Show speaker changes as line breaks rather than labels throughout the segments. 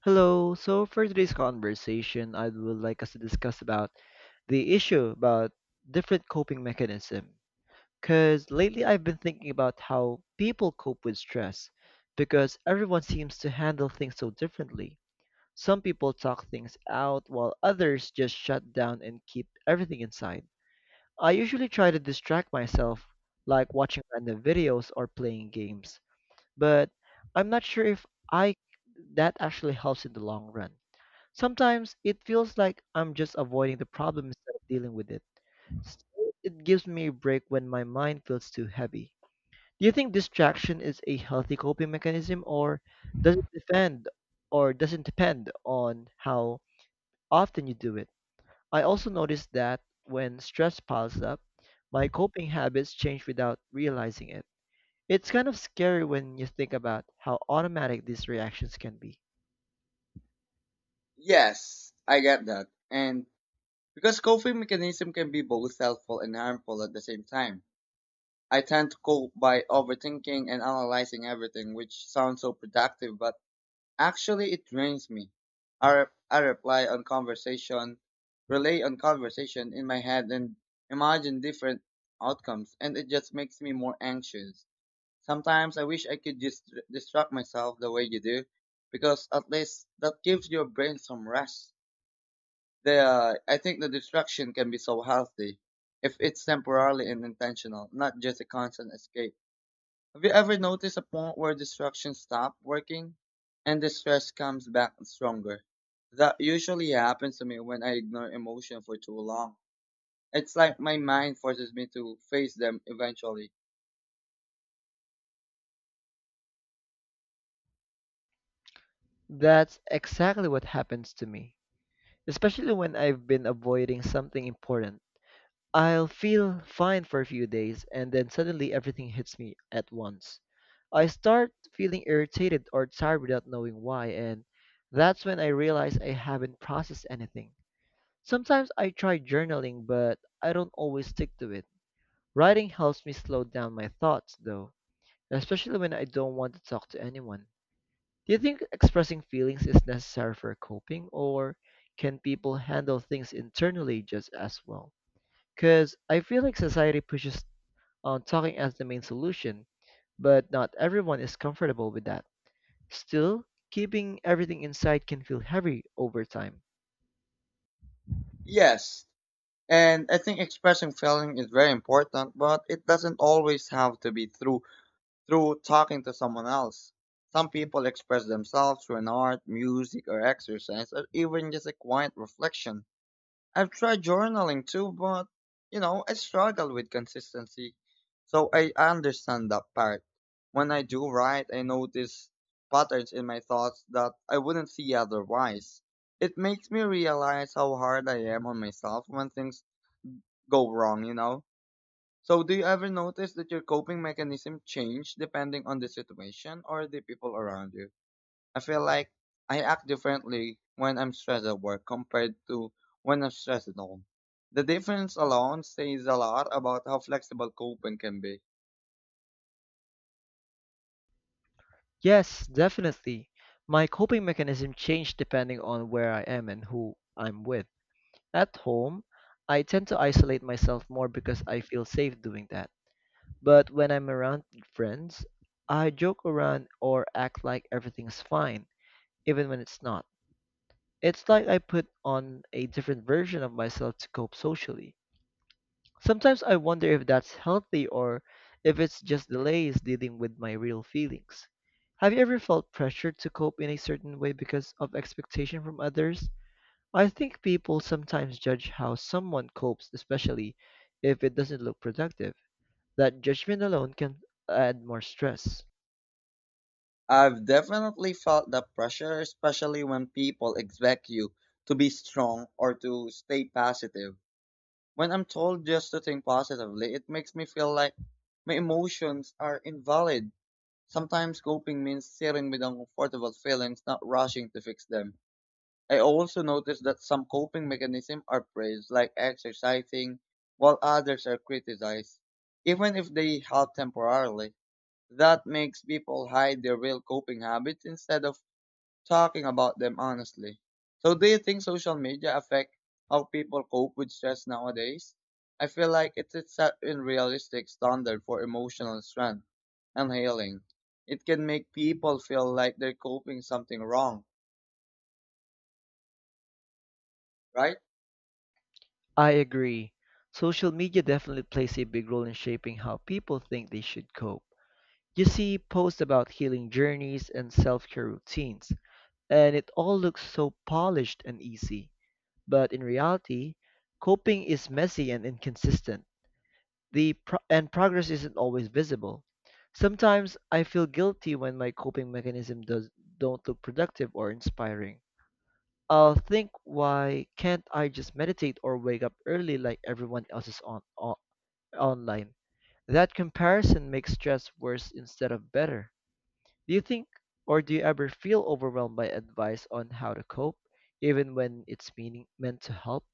Hello. So for today's conversation, I would like us to discuss about the issue about different coping mechanism. Because lately I've been thinking about how people cope with stress, because everyone seems to handle things so differently. Some people talk things out, while others just shut down and keep everything inside. I usually try to distract myself, like watching random videos or playing games, but I'm not sure if I that actually helps in the long run. Sometimes it feels like I'm just avoiding the problem instead of dealing with it. Still, it gives me a break when my mind feels too heavy. Do you think distraction is a healthy coping mechanism, or does it depend or doesn't depend on how often you do it? I also noticed that when stress piles up, my coping habits change without realizing it. It's kind of scary when you think about how automatic these reactions can be.
Yes, I get that. And because coping mechanism can be both helpful and harmful at the same time. I tend to cope by overthinking and analyzing everything, which sounds so productive, but actually it drains me. I reply on conversation, relay on conversation in my head and imagine different outcomes, and it just makes me more anxious. Sometimes I wish I could just distract myself the way you do, because at least that gives your brain some rest. The I think the distraction can be so healthy if it's temporarily and intentional, not just a constant escape. Have you ever noticed a point where distractions stop working and the stress comes back stronger? That usually happens to me when I ignore emotion for too long. It's like my mind forces me to face them eventually.
That's exactly what happens to me, especially when I've been avoiding something important. I'll feel fine for a few days and then suddenly everything hits me at once. I start feeling irritated or tired without knowing why, and that's when I realize I haven't processed anything. Sometimes I try journaling, but I don't always stick to it. Writing helps me slow down my thoughts, though, especially when I don't want to talk to anyone. Do you think expressing feelings is necessary for coping, or can people handle things internally just as well? Because I feel like society pushes on talking as the main solution, but not everyone is comfortable with that. Still, keeping everything inside can feel heavy over time.
Yes, and I think expressing feeling is very important, but it doesn't always have to be through talking to someone else. Some people express themselves through an art, music, or exercise, or even just a quiet reflection. I've tried journaling too, but I struggle with consistency. So I understand that part. When I do write, I notice patterns in my thoughts that I wouldn't see otherwise. It makes me realize how hard I am on myself when things go wrong, you know? So, do you ever notice that your coping mechanism change depending on the situation or the people around you? I feel like I act differently when I'm stressed at work compared to when I'm stressed at home. The difference alone says a lot about how flexible coping can be.
Yes, definitely. My coping mechanism changed depending on where I am and who I'm with. At home, I tend to isolate myself more because I feel safe doing that. But when I'm around friends, I joke around or act like everything's fine, even when it's not. It's like I put on a different version of myself to cope socially. Sometimes I wonder if that's healthy, or if it's just delays dealing with my real feelings. Have you ever felt pressured to cope in a certain way because of expectation from others? I think people sometimes judge how someone copes, especially if it doesn't look productive. That judgment alone can add more stress.
I've definitely felt that pressure, especially when people expect you to be strong or to stay positive. When I'm told just to think positively, it makes me feel like my emotions are invalid. Sometimes coping means sitting with uncomfortable feelings, not rushing to fix them. I also noticed that some coping mechanisms are praised, like exercising, while others are criticized, even if they help temporarily. That makes people hide their real coping habits instead of talking about them honestly. So do you think social media affect how people cope with stress nowadays? I feel like it's a set unrealistic standard for emotional strength and healing. It can make people feel like they're coping something wrong, right?
I agree. Social media definitely plays a big role in shaping how people think they should cope. You see posts about healing journeys and self care routines, and it all looks so polished and easy. But in reality, coping is messy and inconsistent, and progress isn't always visible. Sometimes I feel guilty when my coping don't look productive or inspiring. I'll think, why can't I just meditate or wake up early like everyone else is on online? That comparison makes stress worse instead of better. Do you think, do you ever feel overwhelmed by advice on how to cope, even when it's meaning meant to help?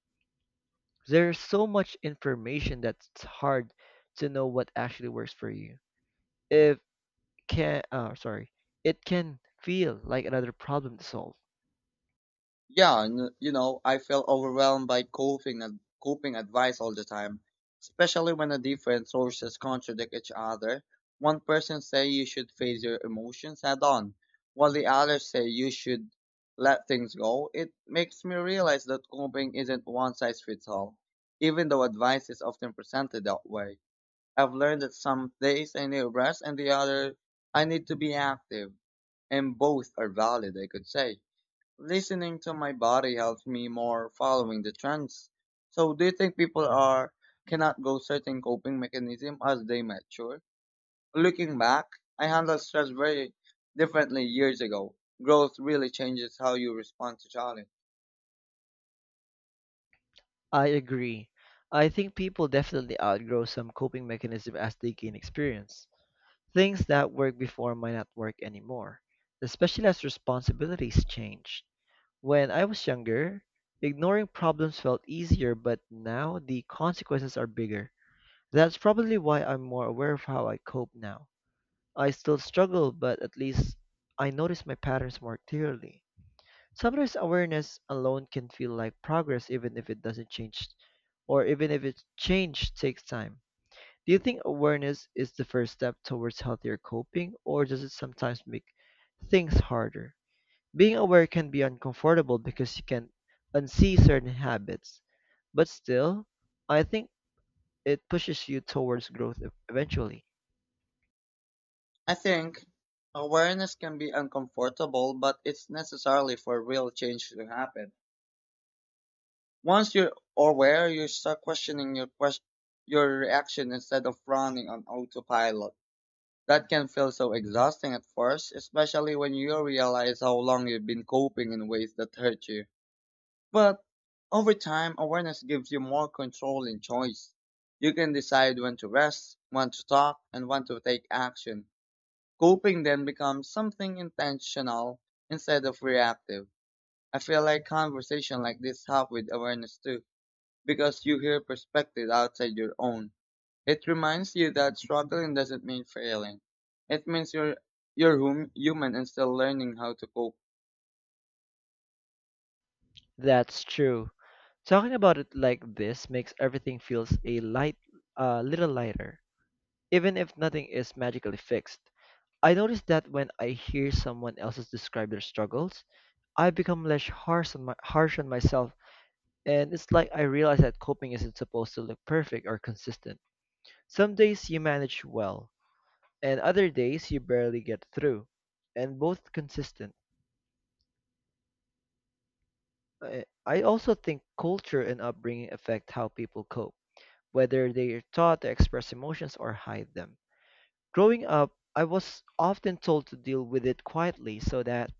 There's so much information that's hard to know what actually works for you. If can, sorry, It can feel like another problem to solve.
Yeah, and I feel overwhelmed by coping and coping advice all the time, especially when the different sources contradict each other. One person say you should face your emotions head on, while the others say you should let things go. It makes me realize that coping isn't one size fits all, even though advice is often presented that way. I've learned that some days I need rest and the other I need to be active, and both are valid, I could say. Listening to my body helps me more following the trends. So do you think people are cannot go certain coping mechanism as they mature? Looking back, I handled stress very differently years ago. Growth really changes how you respond to challenge.
I agree. I think people definitely outgrow some coping mechanism as they gain experience. Things that worked before might not work anymore, especially as responsibilities change. When I was younger, ignoring problems felt easier, but now the consequences are bigger. That's probably why I'm more aware of how I cope now. I still struggle, but at least I notice my patterns more clearly. Sometimes awareness alone can feel like progress, even if it doesn't change, or even if it change takes time. Do you think awareness is the first step towards healthier coping, or does it sometimes make things harder? Being aware can be uncomfortable because you can unsee certain habits, but still, I think it pushes you towards growth eventually.
I think awareness can be uncomfortable, but it's necessary for real change to happen. Once you're aware, you start questioning your reaction instead of running on autopilot. That can feel so exhausting at first, especially when you realize how long you've been coping in ways that hurt you. But over time, awareness gives you more control and choice. You can decide when to rest, when to talk, and when to take action. Coping then becomes something intentional instead of reactive. I feel like conversation like this help with awareness too, because you hear perspective outside your own. It reminds you that struggling doesn't mean failing. It means you're human and still learning how to cope.
That's true. Talking about it like this makes everything feels a little lighter, even if nothing is magically fixed. I notice that when I hear someone else's describe their struggles, I become less harsh on myself, and it's like I realize that coping isn't supposed to look perfect or consistent. Some days you manage well, and other days you barely get through, and both consistent. I also think culture and upbringing affect how people cope, whether they are taught to express emotions or hide them. Growing up, I was often told to deal with it quietly, so that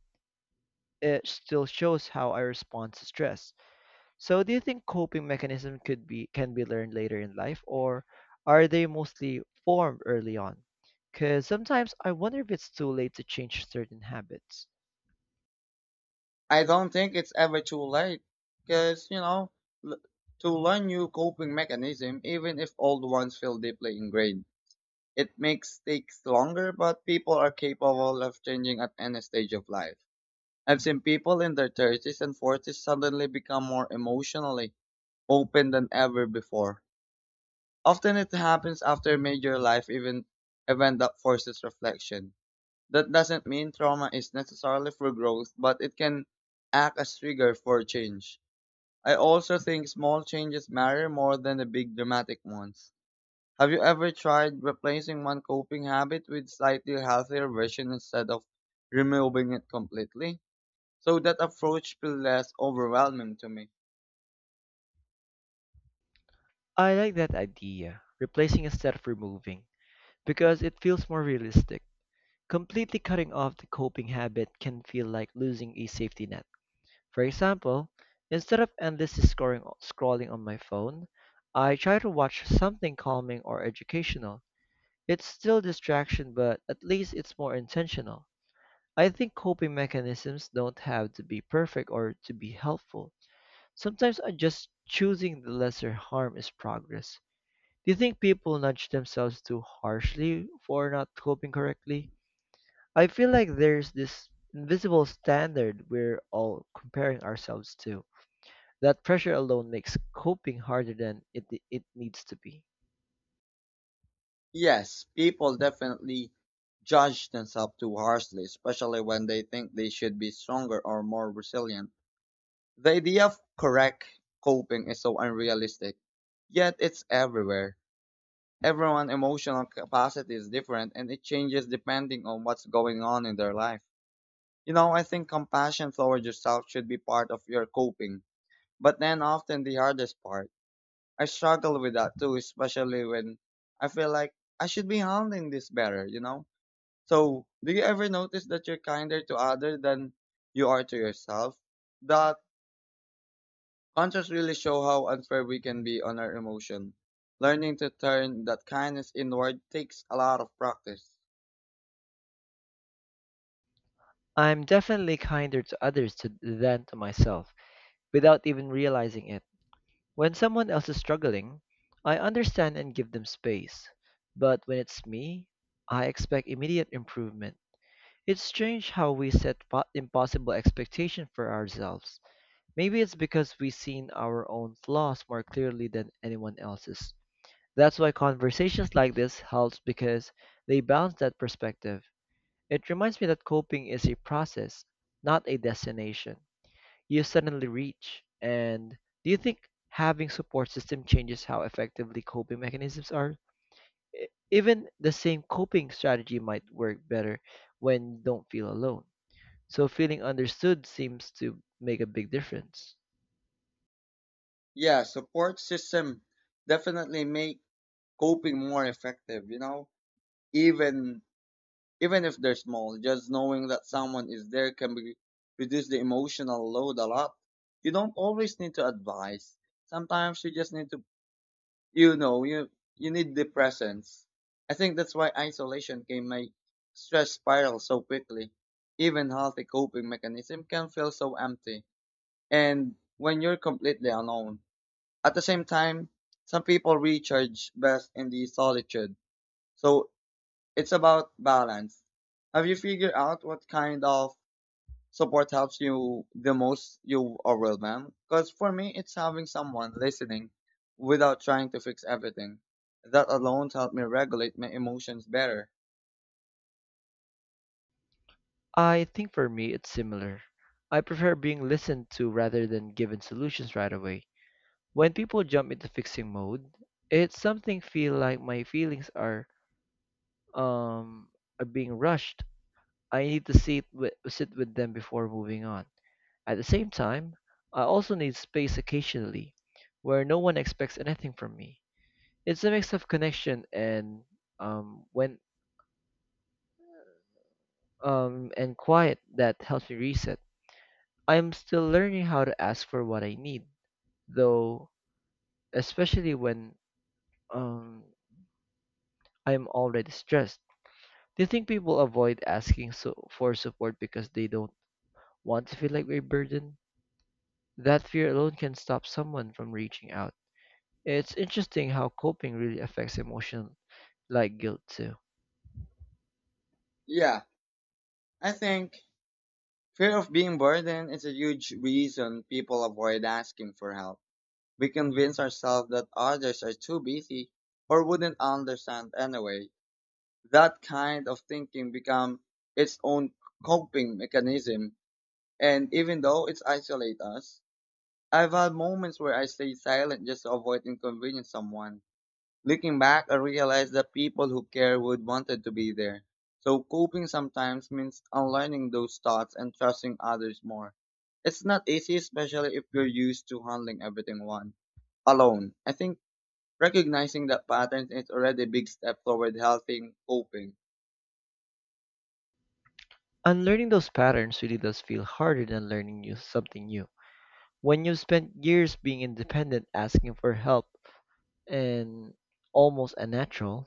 it still shows how I respond to stress. So do you think coping mechanism could be can be learned later in life, or are they mostly formed early on? Cuz sometimes I wonder if it's too late to change certain habits.
I don't think it's ever too late because, l- to learn new coping mechanism even if old ones feel deeply ingrained. It makes takes longer, but people are capable of changing at any stage of life. I've seen people in their 30s and 40s suddenly become more emotionally open than ever before. Often it happens after a major life event that forces reflection. That doesn't mean trauma is necessarily for growth, but it can act as trigger for change. I also think small changes matter more than the big dramatic ones. Have you ever tried replacing one coping habit with slightly healthier version instead of removing it completely? So that approach feels less overwhelming to me.
I like that idea, replacing instead of removing, because it feels more realistic. Completely cutting off the coping habit can feel like losing a safety net. For example, instead of endlessly scrolling on my phone, I try to watch something calming or educational. It's still distraction, but at least it's more intentional. I think coping mechanisms don't have to be perfect or to be helpful. Sometimes I just choosing the lesser harm is progress. Do you think people nudge themselves too harshly for not coping correctly? I feel like there's this invisible standard we're all comparing ourselves to. That pressure alone makes coping harder than it needs to be.
Yes, people definitely judge themselves too harshly, especially when they think they should be stronger or more resilient. The idea of correct coping is so unrealistic, yet it's everywhere. Everyone's emotional capacity is different and it changes depending on what's going on in their life. You know, I think compassion towards yourself should be part of your coping, but then often the hardest part. I struggle with that too, especially when I feel like I should be handling this better, you know? So, do you ever notice that you're kinder to others than you are to yourself? That contrast really show how unfair we can be on our emotion. Learning to turn that kindness inward takes a lot of practice.
I'm definitely kinder to others to, than to myself without even realizing it. When someone else is struggling, I understand and give them space. But when it's me, I expect immediate improvement. It's strange how we set impossible expectations for ourselves. Maybe it's because we've seen our own flaws more clearly than anyone else's. That's why conversations like this helps, because they balance that perspective. It reminds me that coping is a process, not a destination you suddenly reach. And do you think having support system changes how effectively coping mechanisms are? Even the same coping strategy might work better when you don't feel alone. So feeling understood seems to make a big difference.
Yeah, support system definitely make coping more effective, you know? Even even if they're small, just knowing that someone is there can be, reduce the emotional load a lot. You don't always need to advise. Sometimes you just need to, you know you you need the presence. I think that's why isolation can make stress spiral so quickly, even healthy coping mechanism can feel so empty, and when you're completely alone. At the same time, some people recharge best in the solitude, so it's about balance. Have you figured out what kind of support helps you the most, you are will, man? Because for me, it's having someone listening without trying to fix everything. That alone helped me regulate my emotions better.
I think for me it's similar. I prefer being listened to rather than given solutions right away. When people jump into fixing mode, it's something feel like my feelings um are being rushed. I need to sit with them before moving on. At the same time, I also need space occasionally, where no one expects anything from me. It's a mix of connection and when and quiet that helps me reset. I'm still learning how to ask for what I need, though, especially when um, I'm already stressed. Do you think people avoid asking so for support because they don't want to feel like a burden? That fear alone can stop someone from reaching out. It's interesting how coping really affects emotion, like guilt too.
Yeah, I think fear of being burdened is a huge reason people avoid asking for help. We convince ourselves that others are too busy or wouldn't understand anyway. That kind of thinking becomes its own coping mechanism, and even though it isolates us, I've had moments where I stayed silent just to avoid inconveniencing someone. Looking back, I realized that people who care would wanted to be there. So coping sometimes means unlearning those thoughts and trusting others more. It's not easy, especially if you're used to handling everything one alone. I think recognizing that pattern is already a big step toward healthy coping.
Unlearning those patterns really does feel harder than learning new something new. When you've spent years being independent, asking for help, and almost unnatural,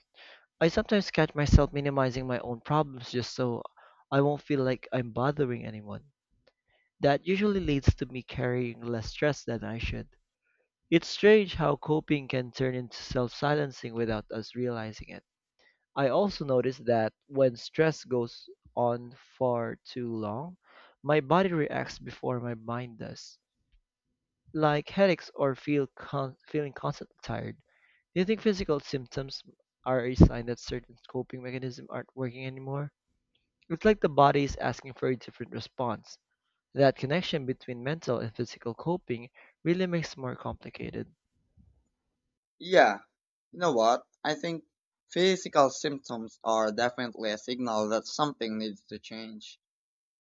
I sometimes catch myself minimizing my own problems just so I won't feel like I'm bothering anyone. That usually leads to me carrying less stress than I should. It's strange how coping can turn into self silencing without us realizing it. I also noticed that when stress goes on for too long, my body reacts before my mind does, like headaches or feeling constantly tired. Do you think physical symptoms are a sign that certain coping mechanisms aren't working anymore? It's like the body is asking for a different response. That connection between mental and physical coping really makes it more complicated.
Yeah, you know what? I think physical symptoms are definitely a signal that something needs to change.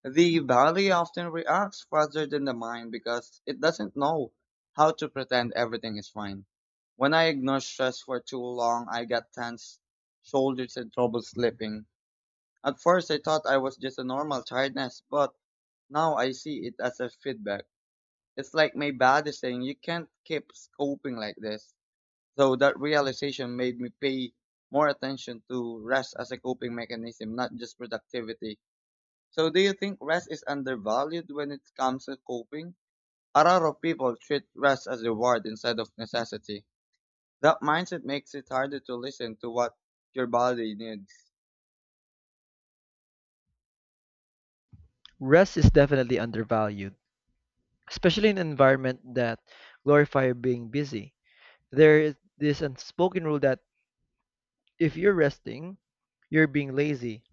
The body often reacts faster than the mind because it doesn't know how to pretend everything is fine. When I ignore stress for too long, I get tense shoulders and trouble sleeping. At first, I thought I was just a normal tiredness, but now I see it as a feedback. It's like my body saying, you can't keep coping like this. So that realization made me pay more attention to rest as a coping mechanism, not just productivity. So do you think rest is undervalued when it comes to coping? A lot of people treat rest as reward instead of necessity. That mindset makes it harder to listen to what your body needs.
Rest is definitely undervalued, especially in an environment that glorify being busy. There is this unspoken rule that if you're resting, you're being lazy,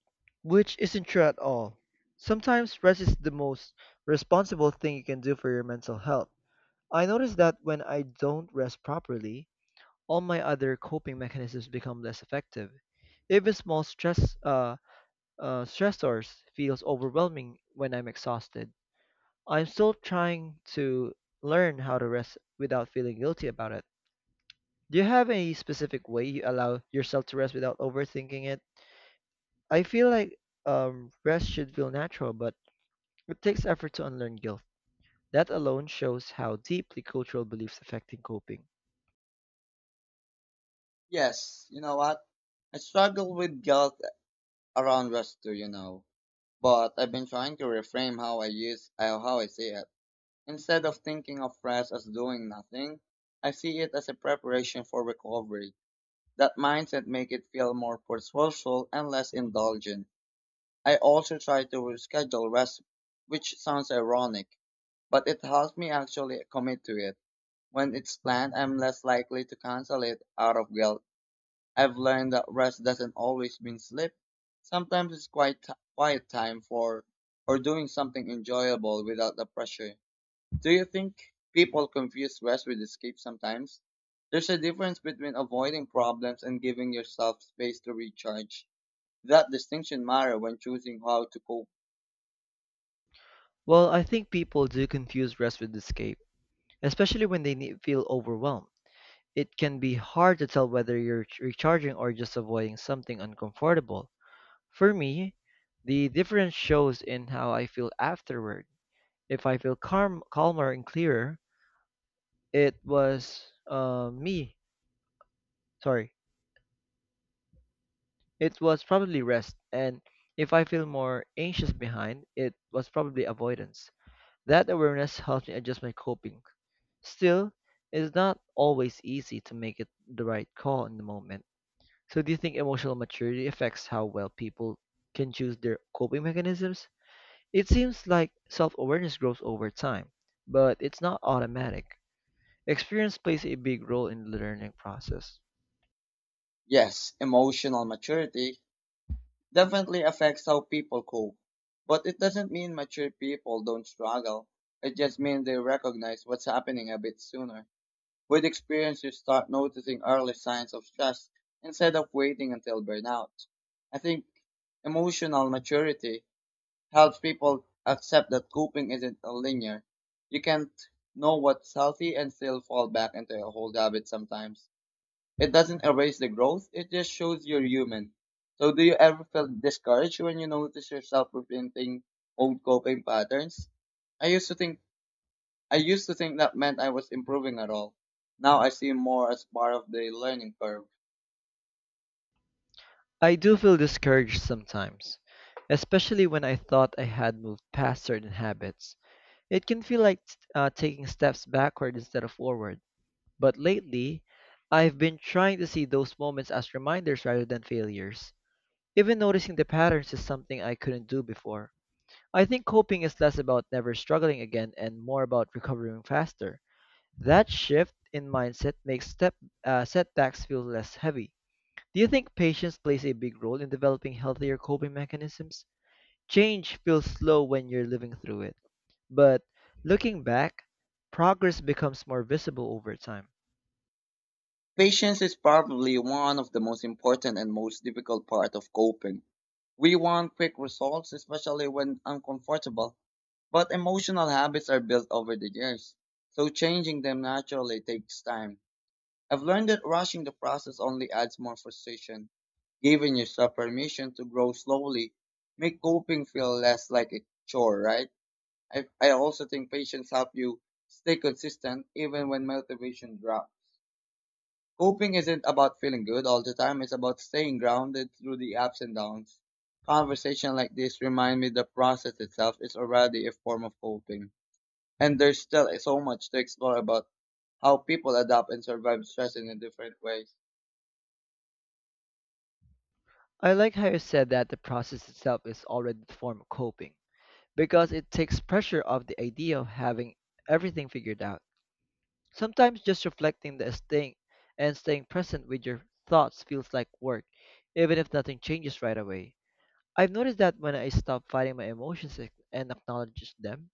which isn't true at all. Sometimes rest is the most responsible thing you can do for your mental health. I notice that when I don't rest properly, all my other coping mechanisms become less effective. Even small stressors feels overwhelming when I'm exhausted. I'm still trying to learn how to rest without feeling guilty about it. Do you have any specific way you allow yourself to rest without overthinking it? I feel like rest should feel natural, but it takes effort to unlearn guilt. That alone shows how deeply cultural beliefs affecting coping.
Yes, you know what? I struggle with guilt around rest too, you know. But I've been trying to reframe how I see it. Instead of thinking of rest as doing nothing, I see it as a preparation for recovery. That mindset makes it feel more purposeful and less indulgent. I also try to schedule rest, which sounds ironic, but it helps me actually commit to it. When it's planned, I'm less likely to cancel it out of guilt. I've learned that rest doesn't always mean sleep. Sometimes it's quiet time for or doing something enjoyable without the pressure. Do you think people confuse rest with escape sometimes? There's a difference between avoiding problems and giving yourself space to recharge. That distinction matters when choosing how to cope.
Well, I think people do confuse rest with escape, especially when feel overwhelmed. It can be hard to tell whether you're recharging or just avoiding something uncomfortable. For me, the difference shows in how I feel afterward. If I feel calmer and clearer, it was uh, me. Sorry, it was probably rest. And if I feel more anxious behind, it was probably avoidance. That awareness helps me adjust my coping. Still, it's not always easy to make it the right call in the moment. So, do you think emotional maturity affects how well people can choose their coping mechanisms? It seems like self awareness grows over time, but it's not automatic. Experience plays a big role in the learning process.
Yes, emotional maturity definitely affects how people cope. But it doesn't mean mature people don't struggle. It just means they recognize what's happening a bit sooner. With experience, you start noticing early signs of stress instead of waiting until burnout. I think emotional maturity helps people accept that coping isn't a linear. You can't know what's healthy and still fall back into your old habits sometimes. It doesn't erase the growth, it just shows you're human. So do you ever feel discouraged when you notice yourself repeating old coping patterns? I used to think I used to think that meant I was improving at all. Now I see more as part of the learning curve.
I do feel discouraged sometimes, especially when I thought I had moved past certain habits. It can feel like taking steps backward instead of forward. But lately, I've been trying to see those moments as reminders rather than failures. Even noticing the patterns is something I couldn't do before. I think coping is less about never struggling again and more about recovering faster. That shift in mindset makes step setbacks feel less heavy. Do you think patience plays a big role in developing healthier coping mechanisms? Change feels slow when you're living through it, but looking back, progress becomes more visible over time.
Patience is probably one of the most important and most difficult part of coping. We want quick results, especially when uncomfortable, but emotional habits are built over the years, so changing them naturally takes time. I've learned that rushing the process only adds more frustration. Giving yourself permission to grow slowly make coping feel less like a chore, right? I also think patience help you stay consistent even when motivation drops. Coping isn't about feeling good all the time, it's about staying grounded through the ups and downs. Conversation like this remind me the process itself is already a form of coping. And there's still so much to explore about how people adapt and survive stress in a different ways.
I like how you said that the process itself is already the form of coping because it takes pressure off the idea of having everything figured out. Sometimes just reflecting the staying and staying present with your thoughts feels like work, even if nothing changes right away. I've noticed that when I stop fighting my emotions and acknowledge them,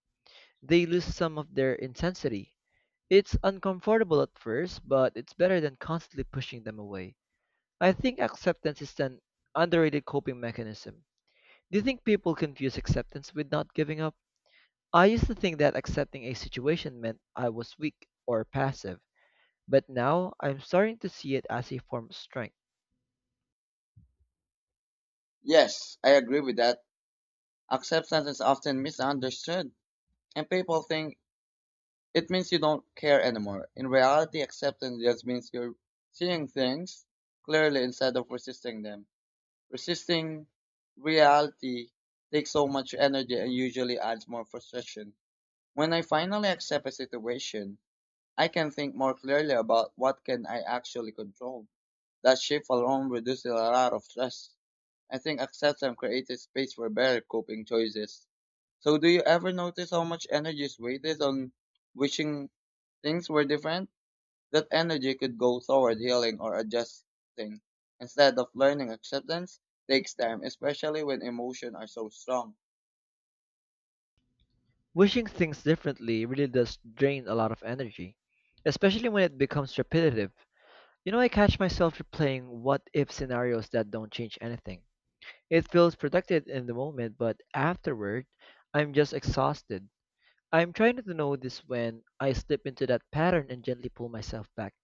they lose some of their intensity. It's uncomfortable at first, but it's better than constantly pushing them away. I think acceptance is an underrated coping mechanism. Do you think people confuse acceptance with not giving up? I used to think that accepting a situation meant I was weak or passive, but now I'm starting to see it as a form of strength.
Yes, I agree with that. Acceptance is often misunderstood, and people think it means you don't care anymore. In reality, acceptance just means you're seeing things clearly instead of resisting them. Resisting reality takes so much energy and usually adds more frustration. When I finally accept a situation, I can think more clearly about what can I actually control. That shift alone reduces a lot of stress. I think acceptance created space for better coping choices. So, do you ever notice how much energy is wasted on wishing things were different? That energy could go toward healing or adjusting. Instead of learning acceptance, takes time, especially when emotions are so strong.
Wishing things differently really does drain a lot of energy, especially when it becomes repetitive. You know, I catch myself replaying what if scenarios that don't change anything. It feels productive in the moment, but afterward, I'm just exhausted. I'm trying to know this when I slip into that pattern and gently pull myself back.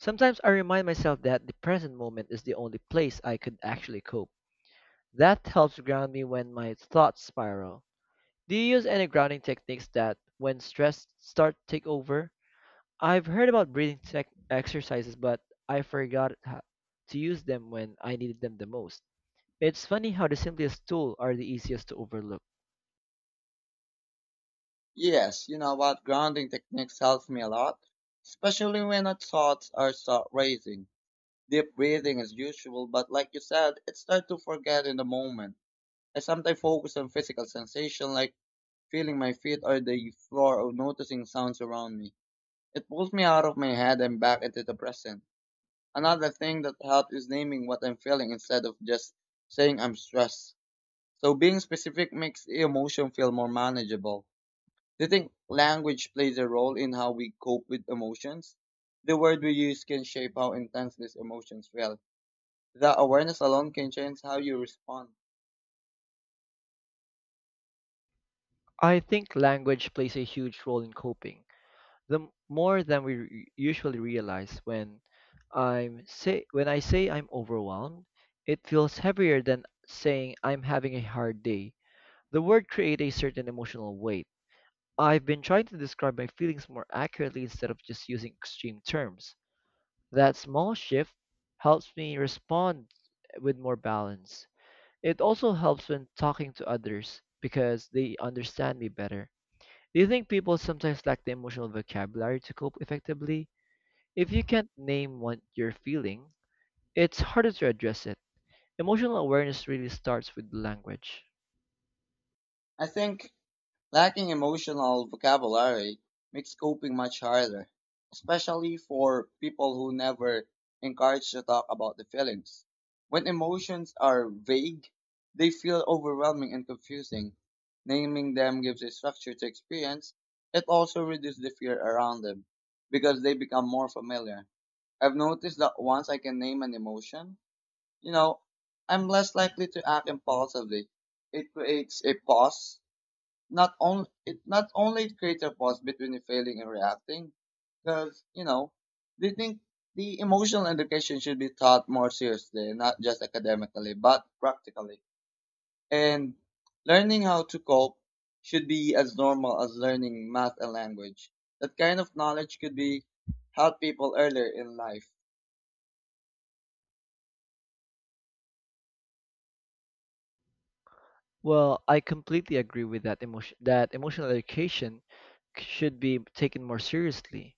Sometimes I remind myself that the present moment is the only place I could actually cope. That helps ground me when my thoughts spiral. Do you use any grounding techniques that, when stress start to take over? I've heard about breathing tech exercises, but I forgot ho- to use them when I needed them the most. It's funny how the simplest tools are the easiest to overlook.
Yes, you know what? Grounding techniques helps me a lot, especially when our thoughts are start racing. Deep breathing is useful, but like you said, it's hard to forget in the moment. I sometimes focus on physical sensation like feeling my feet or the floor or noticing sounds around me. It pulls me out of my head and back into the present. Another thing that helps is naming what I'm feeling instead of just saying I'm stressed. So being specific makes emotion feel more manageable. Do you think language plays a role in how we cope with emotions? The word we use can shape how intense these emotions feel. The awareness alone can change how you respond.
I think language plays a huge role in coping, more than we usually realize. When I say I'm overwhelmed, it feels heavier than saying I'm having a hard day. The word create a certain emotional weight. I've been trying to describe my feelings more accurately instead of just using extreme terms. That small shift helps me respond with more balance. It also helps when talking to others because they understand me better. Do you think people sometimes lack the emotional vocabulary to cope effectively? If you can't name what you're feeling, it's harder to address it. Emotional awareness really starts with language.
I think lacking emotional vocabulary makes coping much harder, especially for people who never encouraged to talk about the feelings. When emotions are vague, they feel overwhelming and confusing. Naming them gives a structure to experience. It also reduces the fear around them because they become more familiar. I've noticed that once I can name an emotion, you know, I'm less likely to act impulsively. It creates a pause not only it creates a pause between the failing and reacting because you know they think the emotional education should be taught more seriously, not just academically but practically, and learning how to cope should be as normal as learning math and language. That kind of knowledge could be help people earlier in life.
Well, I completely agree with that emotional education should be taken more seriously.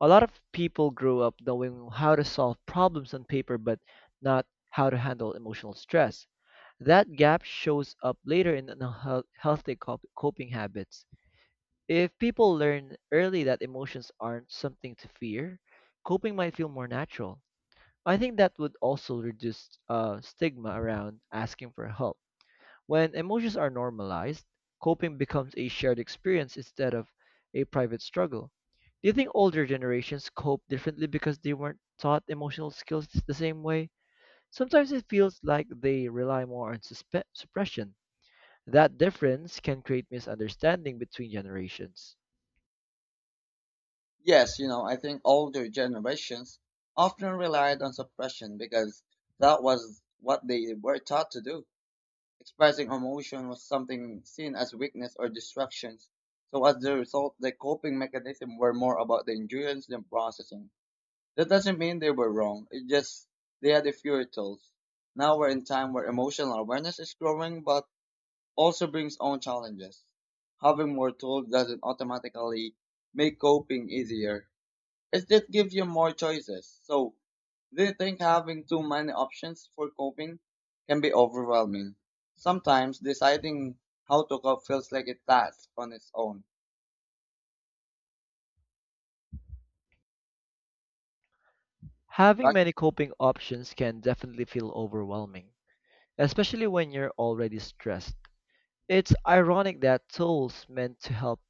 A lot of people grow up knowing how to solve problems on paper, but not how to handle emotional stress. That gap shows up later in unhealthy coping habits. If people learn early that emotions aren't something to fear, coping might feel more natural. I think that would also reduce stigma around asking for help. When emotions are normalized, coping becomes a shared experience instead of a private struggle. Do you think older generations cope differently because they weren't taught emotional skills the same way? Sometimes it feels like they rely more on suppression. That difference can create misunderstanding between generations.
Yes, you know, I think older generations often relied on suppression because that was what they were taught to do. Expressing emotion was something seen as weakness or distractions. So as a result, the coping mechanism were more about the endurance than processing. That doesn't mean they were wrong. It just they had the fewer tools. Now we're in time where emotional awareness is growing but also brings own challenges. Having more tools doesn't automatically make coping easier. It just gives you more choices. So, do you think having too many options for coping can be overwhelming? Sometimes deciding how to cope feels like a task on its own,
Having
right?
many coping options can definitely feel overwhelming, especially when you're already stressed. It's ironic that tools meant to help,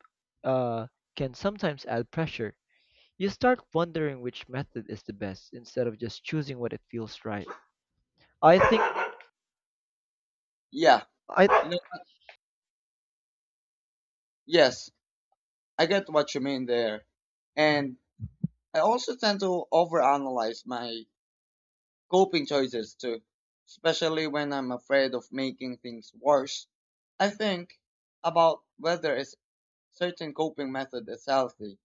uh, can sometimes add pressure. You start wondering which method is the best instead of just choosing what it feels right. I think
Yeah, you
I
know, yes, I get what you mean there. And I also tend to overanalyze my coping choices too, especially when I'm afraid of making things worse. I think about whether a certain coping method is healthy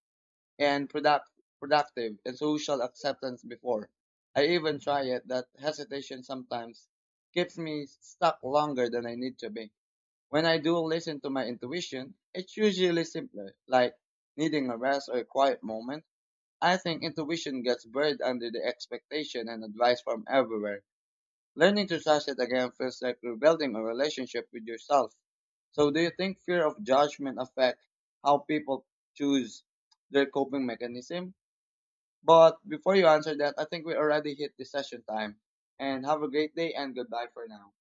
and productive and social acceptance before. I even try it that hesitation sometimes keeps me stuck longer than I need to be. When I do listen to my intuition, it's usually simpler, like needing a rest or a quiet moment. I think intuition gets buried under the expectation and advice from everywhere. Learning to trust it again feels like rebuilding a relationship with yourself. So do you think fear of judgment affects how people choose their coping mechanism? But before you answer that, I think we already hit the session time. And have a great day and goodbye for now.